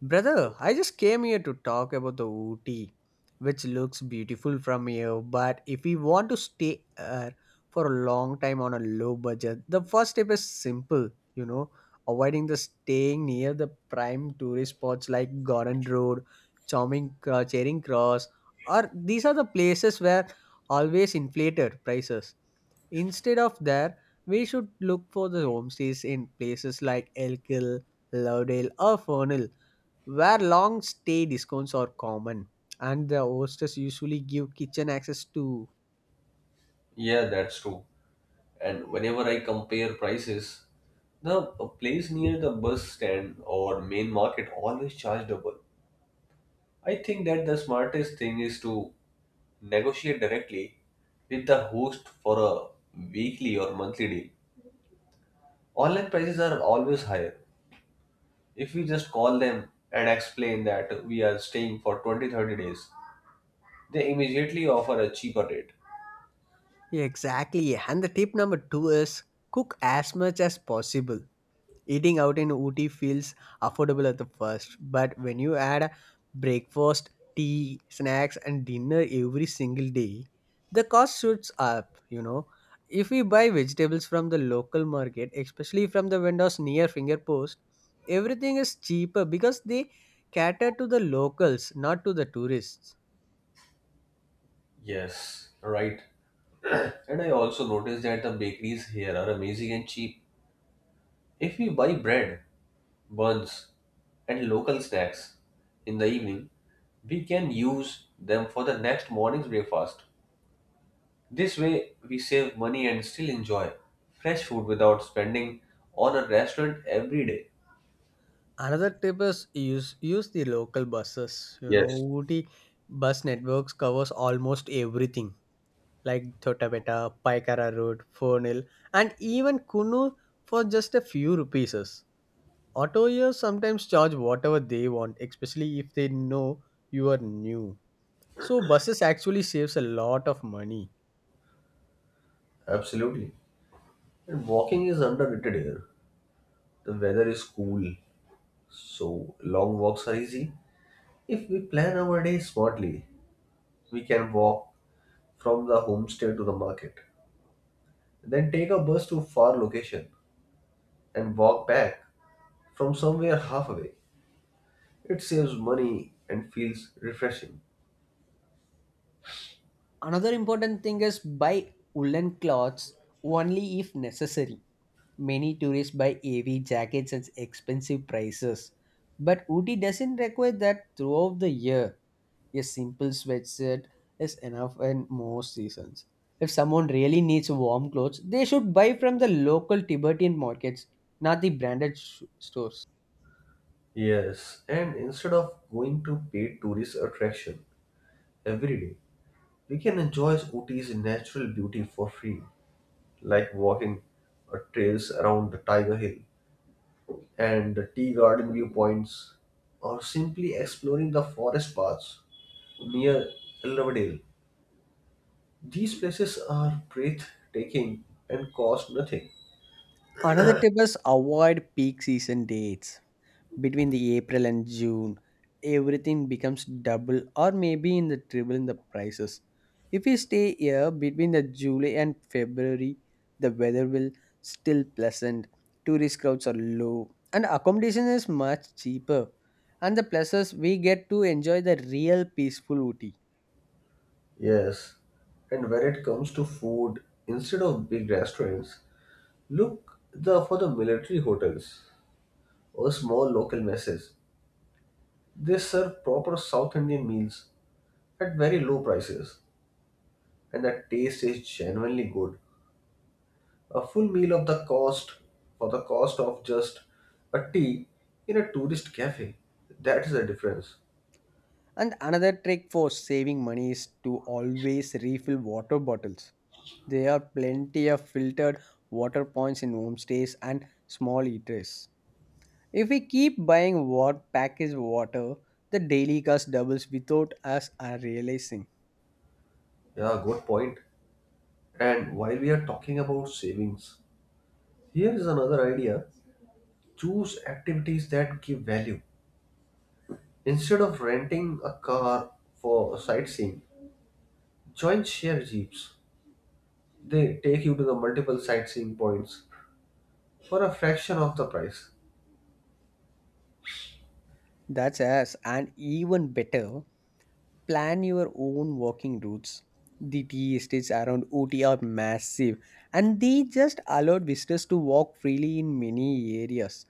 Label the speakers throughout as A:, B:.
A: Brother, I just came here to talk about the Ooty, which looks beautiful from here. But if we want to stay here for a long time on a low budget, the first step is simple, avoiding the staying near the prime tourist spots like Garden Road, Charming, Charing Cross, or these are the places where always inflated prices. Instead of there, we should look for the homestays in places like Elk Hill, Lovedale, or Fernhill where long stay discounts are common and the hostess usually give kitchen access to
B: Yeah, that's true. And whenever I compare prices, the a place near the bus stand or main market always charge double. I think that the smartest thing is to negotiate directly with the host for a weekly or monthly deal. Online prices are always higher. If we just call them and explain that we are staying for 20-30 days, they immediately offer a cheaper rate.
A: exactly and the tip number 2 is cook as much as possible. Eating out in Ooty feels affordable at the first, but when you add breakfast, tea, snacks, and dinner every single day, the cost shoots up. If we buy vegetables from the local market, especially from the vendors near fingerpost, everything is cheaper because they cater to the locals, not to the tourists.
B: Yes, right. And I also noticed that the bakeries here are amazing and cheap. If we buy bread, buns, and local snacks in the evening, we can use them for the next morning's breakfast. This way, we save money and still enjoy fresh food without spending on a restaurant every day.
A: Another tip is use the local buses. You know,
B: Yes,
A: Ooty bus networks covers almost everything like Chotapeta, Paikara Road, Fornil, and even Kunu for just a few rupees. Autoyers sometimes charge whatever they want, especially if they know you are new. So buses actually saves a lot of money.
B: absolutely. And walking is underrated here. The weather is cool, so long walks are easy. If we plan our day smartly, we can walk from the homestay to the market, then take a bus to far location and walk back from somewhere halfway. It saves money and feels refreshing.
A: Another important thing is buy woolen clothes only if necessary. Many tourists buy heavy jackets at expensive prices, but Ooty doesn't require that throughout the year. A simple sweatshirt is enough in most seasons. If someone really needs warm clothes, they should buy from the local Tibetan markets, not the branded stores.
B: Yes, and instead of going to paid tourist attraction every day, we can enjoy Ooty's natural beauty for free, like walking trails around the Tiger Hill and the tea garden viewpoints, or simply exploring the forest paths near Elverdale. These places are breathtaking and cost nothing.
A: Another tip is avoid peak season dates. Between the April and June, everything becomes double or maybe in the triple in the prices. If we stay here between the July and February, the weather will still pleasant. Tourist crowds are low and accommodation is much cheaper. And the places we get to enjoy the real peaceful Ooty.
B: Yes, and when it comes to food, instead of big restaurants, look the for the military hotels or small local messes. They serve proper South Indian meals at very low prices, and the taste is genuinely good. A full meal of the cost for the cost of just a tea in a tourist cafe. That is the difference.
A: And another trick for saving money is to always refill water bottles. There are plenty of filtered water points in homestays and small eateries. If we keep buying what packaged water, the daily cost doubles without us are realizing.
B: Yeah, good point. And while we are talking about savings, here is another idea: choose activities that give value. Instead of renting a car for sightseeing, join share jeeps. They take you to the multiple sightseeing points for a fraction of the price.
A: That's us, and even better, plan your own walking routes. The tea estates around Ooty are massive, and they just allowed visitors to walk freely in many areas.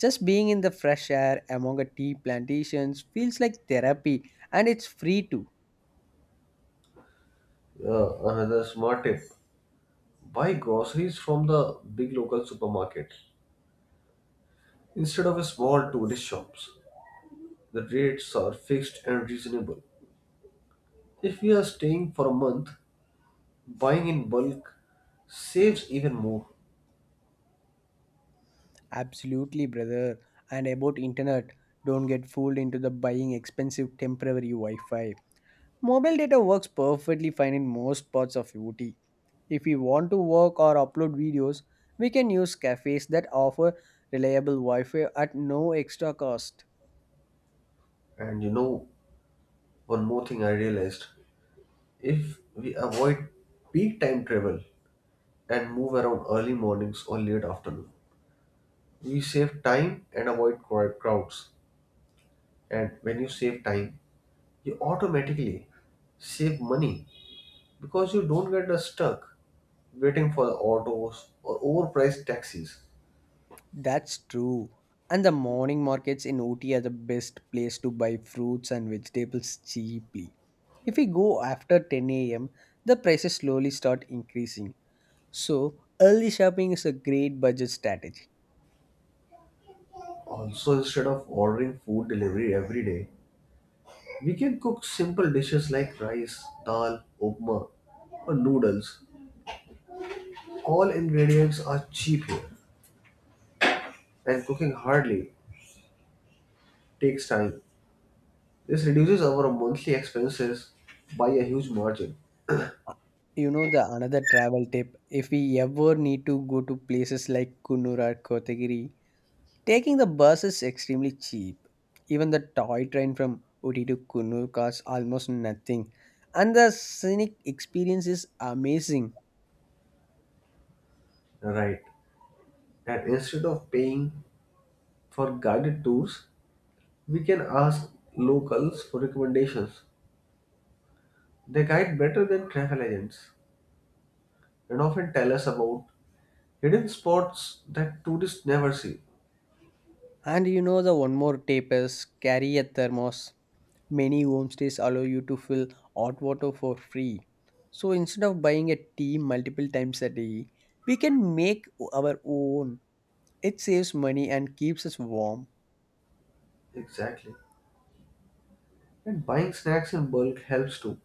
A: Just being in the fresh air among a tea plantations feels like therapy and it's free too.
B: Another smart tip: buy groceries from the big local supermarket instead of a small tourist shops. The rates are fixed and reasonable. If you are staying for a month, buying in bulk saves even more.
A: Absolutely, brother. And about internet, don't get fooled into the buying expensive temporary Wi-Fi. Mobile data works perfectly fine in most parts of UT. If we want to work or upload videos, we can use cafes that offer reliable Wi-Fi at no extra cost.
B: And you know, one more thing I realized: if we avoid peak time travel and move around early mornings or late afternoon, we save time and avoid crowds. And when you save time, you automatically save money because you don't get stuck waiting for the autos or overpriced taxis.
A: That's true. And the morning markets in Ooty are the best place to buy fruits and vegetables cheaply. If we go after 10 a.m., the prices slowly start increasing. So, early shopping is a great budget strategy.
B: Also, instead of ordering food delivery every day, we can cook simple dishes like rice, dal, upma, or noodles. All ingredients are cheap here, and cooking hardly takes time. This reduces our monthly expenses by a huge margin.
A: Uh, You know the another travel tip, if we ever need to go to places like Kunnur or Kotagiri, taking the bus is extremely cheap. Even the toy train from Uti to Kunnur costs almost nothing. And the scenic experience is amazing.
B: Right. And instead of paying for guided tours, we can ask locals for recommendations. They guide better than travel agents and often tell us about hidden spots that tourists never see.
A: And you know the one more tip is carry a thermos. Many homestays allow you to fill hot water for free. So instead of buying a tea multiple times a day, we can make our own. It saves money and keeps us warm.
B: Exactly. And buying snacks in bulk helps too.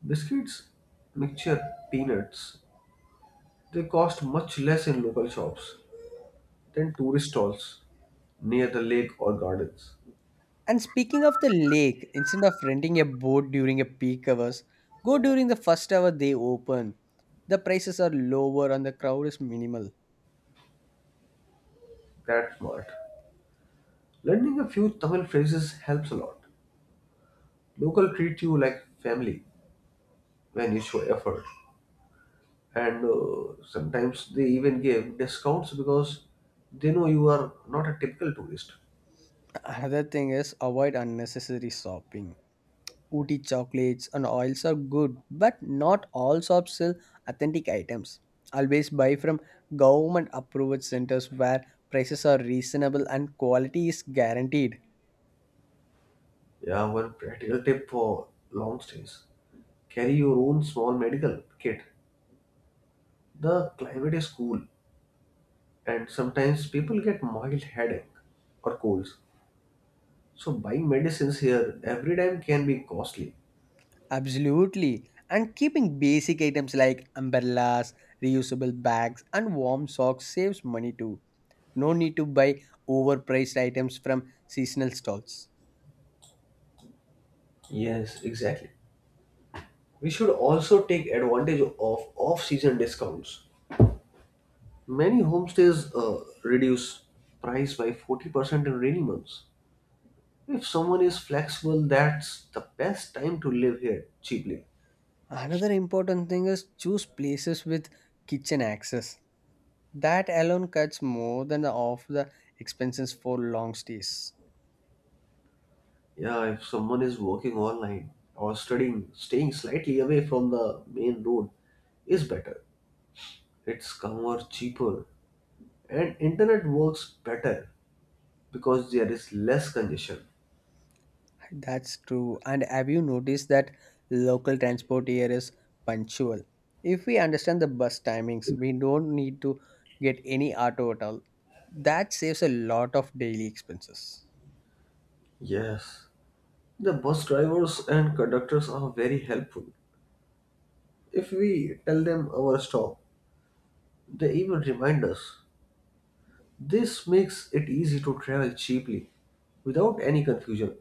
B: Biscuits, mixture, peanuts, they cost much less in local shops than tourist stalls near the lake or gardens.
A: And speaking of the lake, instead of renting a boat during a peak hours, go during the first hour they open. The prices are lower and the crowd is minimal.
B: That's smart. Learning a few Tamil phrases helps a lot. Local treat you like family when you show effort, and sometimes they even give discounts because they know you are not a typical tourist.
A: Another thing is avoid unnecessary shopping. Ooty chocolates and oils are good, but not all shops sell authentic items. Always buy from government approved centers where prices are reasonable and quality is guaranteed.
B: Yeah, one practical tip for long stays: carry your own small medical kit. The climate is cool, and sometimes people get mild headache or colds. So buying medicines here every time can be costly.
A: Absolutely. And keeping basic items like umbrellas, reusable bags, and warm socks saves money too. No need to buy overpriced items from seasonal stalls.
B: Yes, exactly. We should also take advantage of off-season discounts. Many homestays reduce price by 40% in rainy months. If someone is flexible, that's the best time to live here cheaply.
A: Another important thing is choose places with kitchen access. That alone cuts more than off the expenses for long stays.
B: Yeah, if someone is working online or studying, staying slightly away from the main road is better. It's calmer, cheaper, and internet works better because there is less congestion.
A: That's true. And have you noticed that local transport here is punctual? If we understand the bus timings, we don't need to get any auto at all. That saves a lot of daily expenses.
B: Yes, the bus drivers and conductors are very helpful. If we tell them our stop, they even remind us. This makes it easy to travel cheaply without any confusion,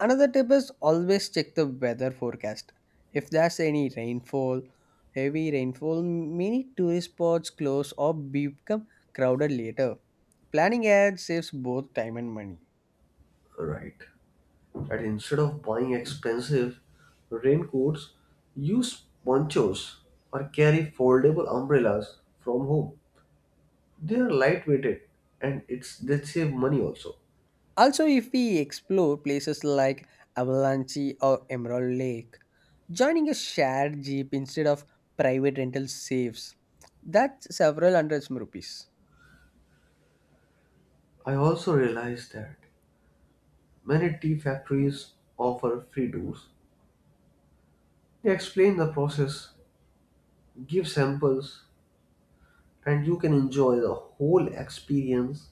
A: Another tip is always check the weather forecast. If there's any rainfall, heavy rainfall, many tourist spots close or become crowded later. Planning ahead saves both time and money.
B: right? And instead of buying expensive raincoats, use ponchos or carry foldable umbrellas from home. They are lightweighted, and it's they save money also.
A: Also, if we explore places like Avalanche or Emerald Lake, joining a shared jeep instead of private rental saves. That's several hundreds of rupees.
B: I also realized that many tea factories offer free tours. They explain the process, give samples, and you can enjoy the whole experience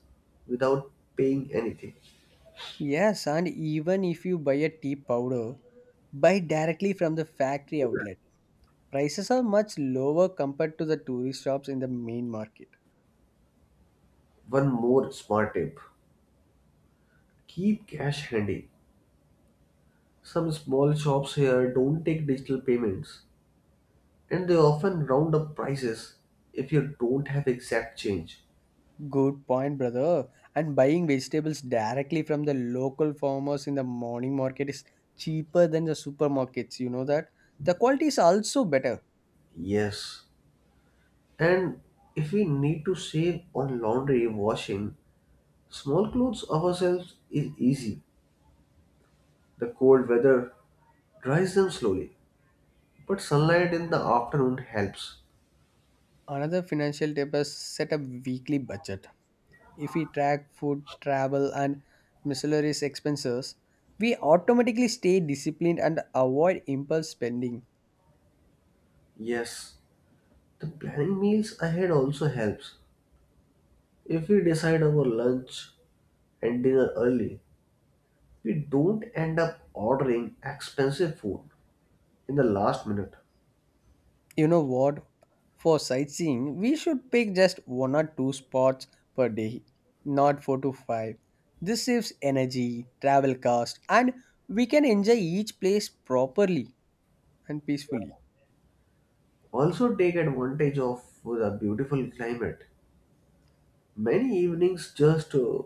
B: without paying anything.
A: Yes, and even if you buy a tea powder, buy directly from the factory outlet. Prices are much lower compared to the tourist shops in the main market.
B: One more smart tip: keep cash handy. Some small shops here don't take digital payments, and they often round up prices if you don't have exact change.
A: Good point, brother. And buying vegetables directly from the local farmers in the morning market is cheaper than the supermarkets. You know that? The quality is also better.
B: Yes, and if we need to save on laundry, washing small clothes ourselves is easy. The cold weather dries them slowly, but sunlight in the afternoon helps.
A: Another financial tip is set a weekly budget. If we track food, travel, and miscellaneous expenses, we automatically stay disciplined and avoid impulse spending.
B: Yes, the planning meals ahead also helps. If we decide our lunch and dinner early, we don't end up ordering expensive food in the last minute.
A: You know what? For sightseeing, we should pick just one or two spots per day, not four to five. This saves energy, travel cost, and we can enjoy each place properly and peacefully.
B: Also, take advantage of the beautiful climate. Many evenings, just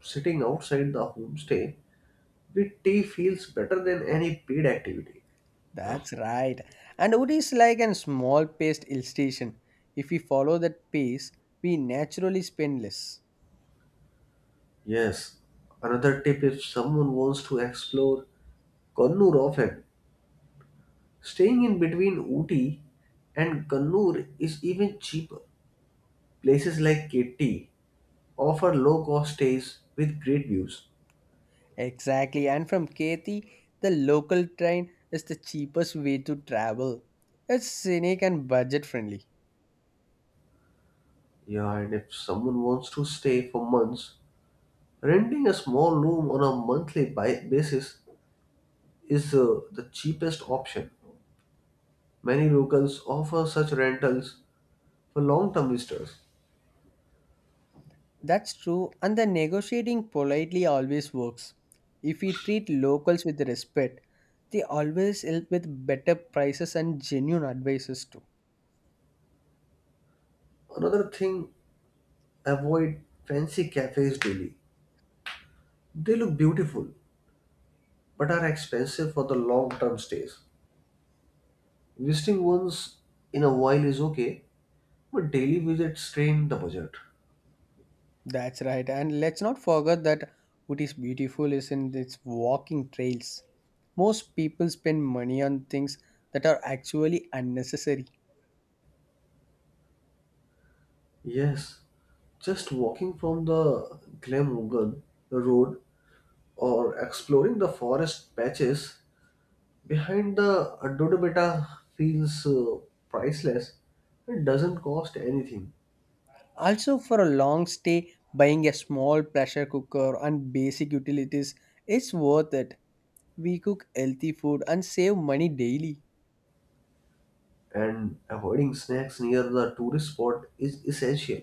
B: sitting outside the homestay with tea feels better than any paid activity.
A: That's right. And Uri is like a small paced illustration. If we follow that pace, we naturally spend less.
B: Yes, another tip: if someone wants to explore Kannur often, staying in between Ooty and Kannur is even cheaper. Places like Ketti offer low cost stays with great views.
A: Exactly. And from Kethi, the local train is the cheapest way to travel. It's scenic and budget friendly.
B: Yeah, and if someone wants to stay for months, renting a small room on a basis is the cheapest option. Many locals offer such rentals for long term visitors.
A: That's true, and the negotiating politely always works. If we treat locals with respect, they always help with better prices and genuine advices too.
B: Another thing, avoid fancy cafes daily. They look beautiful but are expensive for the long term stays. Visiting once in a while is okay, but daily visits strain the budget.
A: That's right, and let's not forget that what is beautiful is in its walking trails. Most people spend money on things that are actually unnecessary.
B: Yes, just walking from the Glamorgan Road or exploring the forest patches behind the Andromeda feels priceless and doesn't cost anything.
A: Also, for a long stay, buying a small pressure cooker and basic utilities is worth it. We cook healthy food and save money daily.
B: And avoiding snacks near the tourist spot is essential.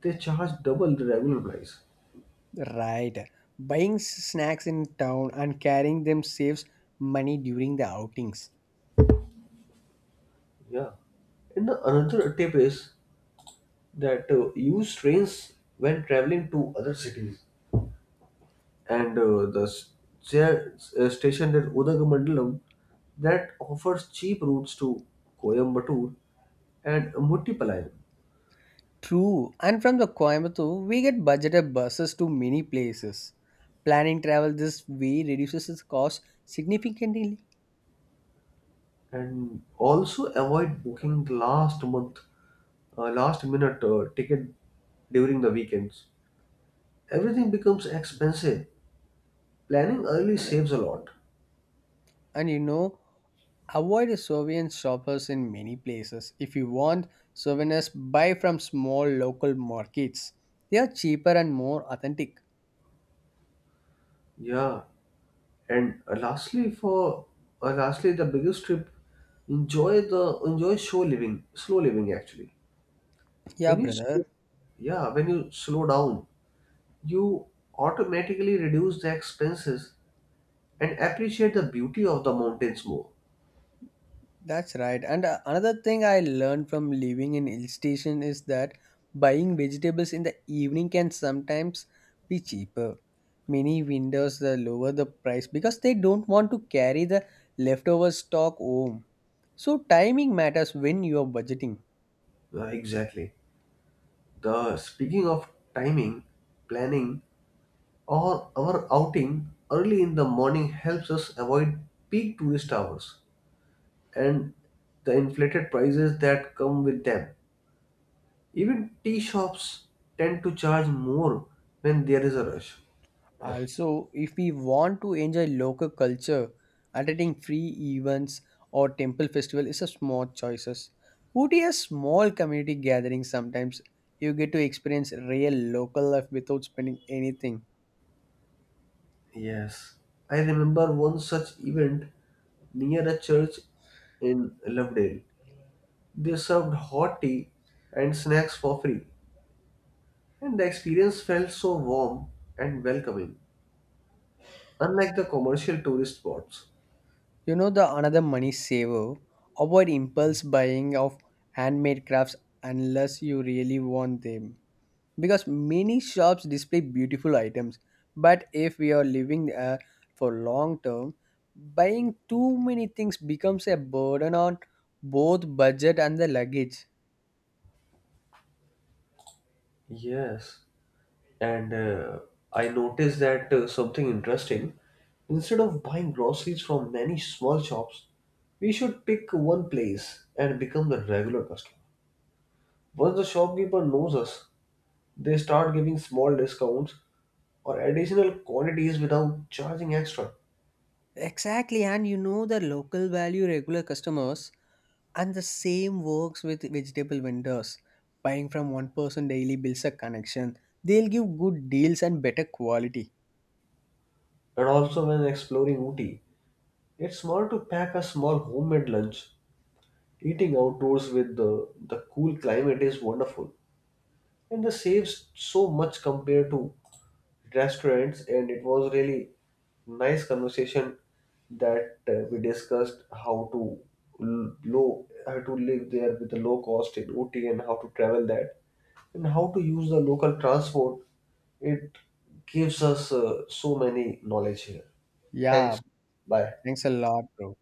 B: They charge double the regular price.
A: Right. Buying snacks in town and carrying them saves money during the outings.
B: Yeah. And the another tip is that use trains when traveling to other cities, and station at Udagumandalam that offers cheap routes to Coimbatore and Muttipalayam.
A: True. And from the Coimbatore, we get budgeted buses to many places. Planning travel this way reduces its cost significantly.
B: And also avoid booking the last minute ticket during the weekends. Everything becomes expensive. Planning early saves a lot.
A: And you know, avoid souvenir shoppers in many places. If you want souvenirs, buy from small local markets. They are cheaper and more authentic.
B: Yeah, and lastly the biggest trip: enjoy the enjoy show living slow living actually.
A: Yeah,
B: when you slow-
A: brother.
B: yeah when you slow down, you automatically reduce the expenses and appreciate the beauty of the mountains more.
A: That's right. And another thing I learned from living in hill station is that buying vegetables in the evening can sometimes be cheaper. Many vendors lower the price because they don't want to carry the leftover stock home. So timing matters when you are budgeting.
B: Yeah, exactly. The speaking of timing, planning or our outing early in the morning helps us avoid peak tourist hours and the inflated prices that come with them. Even tea shops tend to charge more when there is a rush.
A: Also, if we want to enjoy local culture, attending free events or temple festival is a smart choices. Ooty has small community gatherings sometimes. You get to experience real local life without spending anything.
B: Yes, I remember one such event near a church in Lovedale. They served hot tea and snacks for free, and the experience felt so warm and welcoming, unlike the commercial tourist spots.
A: You know the another money saver. Avoid impulse buying of handmade crafts unless you really want them, because many shops display beautiful items, but if we are living for long term, buying too many things becomes a burden on both budget and the luggage.
B: Yes, and I noticed that something interesting. Instead of buying groceries from many small shops, we should pick one place and become the regular customer. Once the shopkeeper knows us, they start giving small discounts or additional quantities without charging extra.
A: Exactly, and you know the local value regular customers, and the same works with vegetable vendors. Buying from one person daily builds a connection. They'll give good deals and better quality.
B: And also, when exploring Ooty, it's smart to pack a small homemade lunch. Eating outdoors with the cool climate is wonderful, and this saves so much compared to restaurants. And it was really nice conversation that we discussed how to live there with a low cost in OT and how to travel that and how to use the local transport. It gives us so many knowledge here.
A: Yeah,
B: Thanks. Bye.
A: thanks a lot, bro.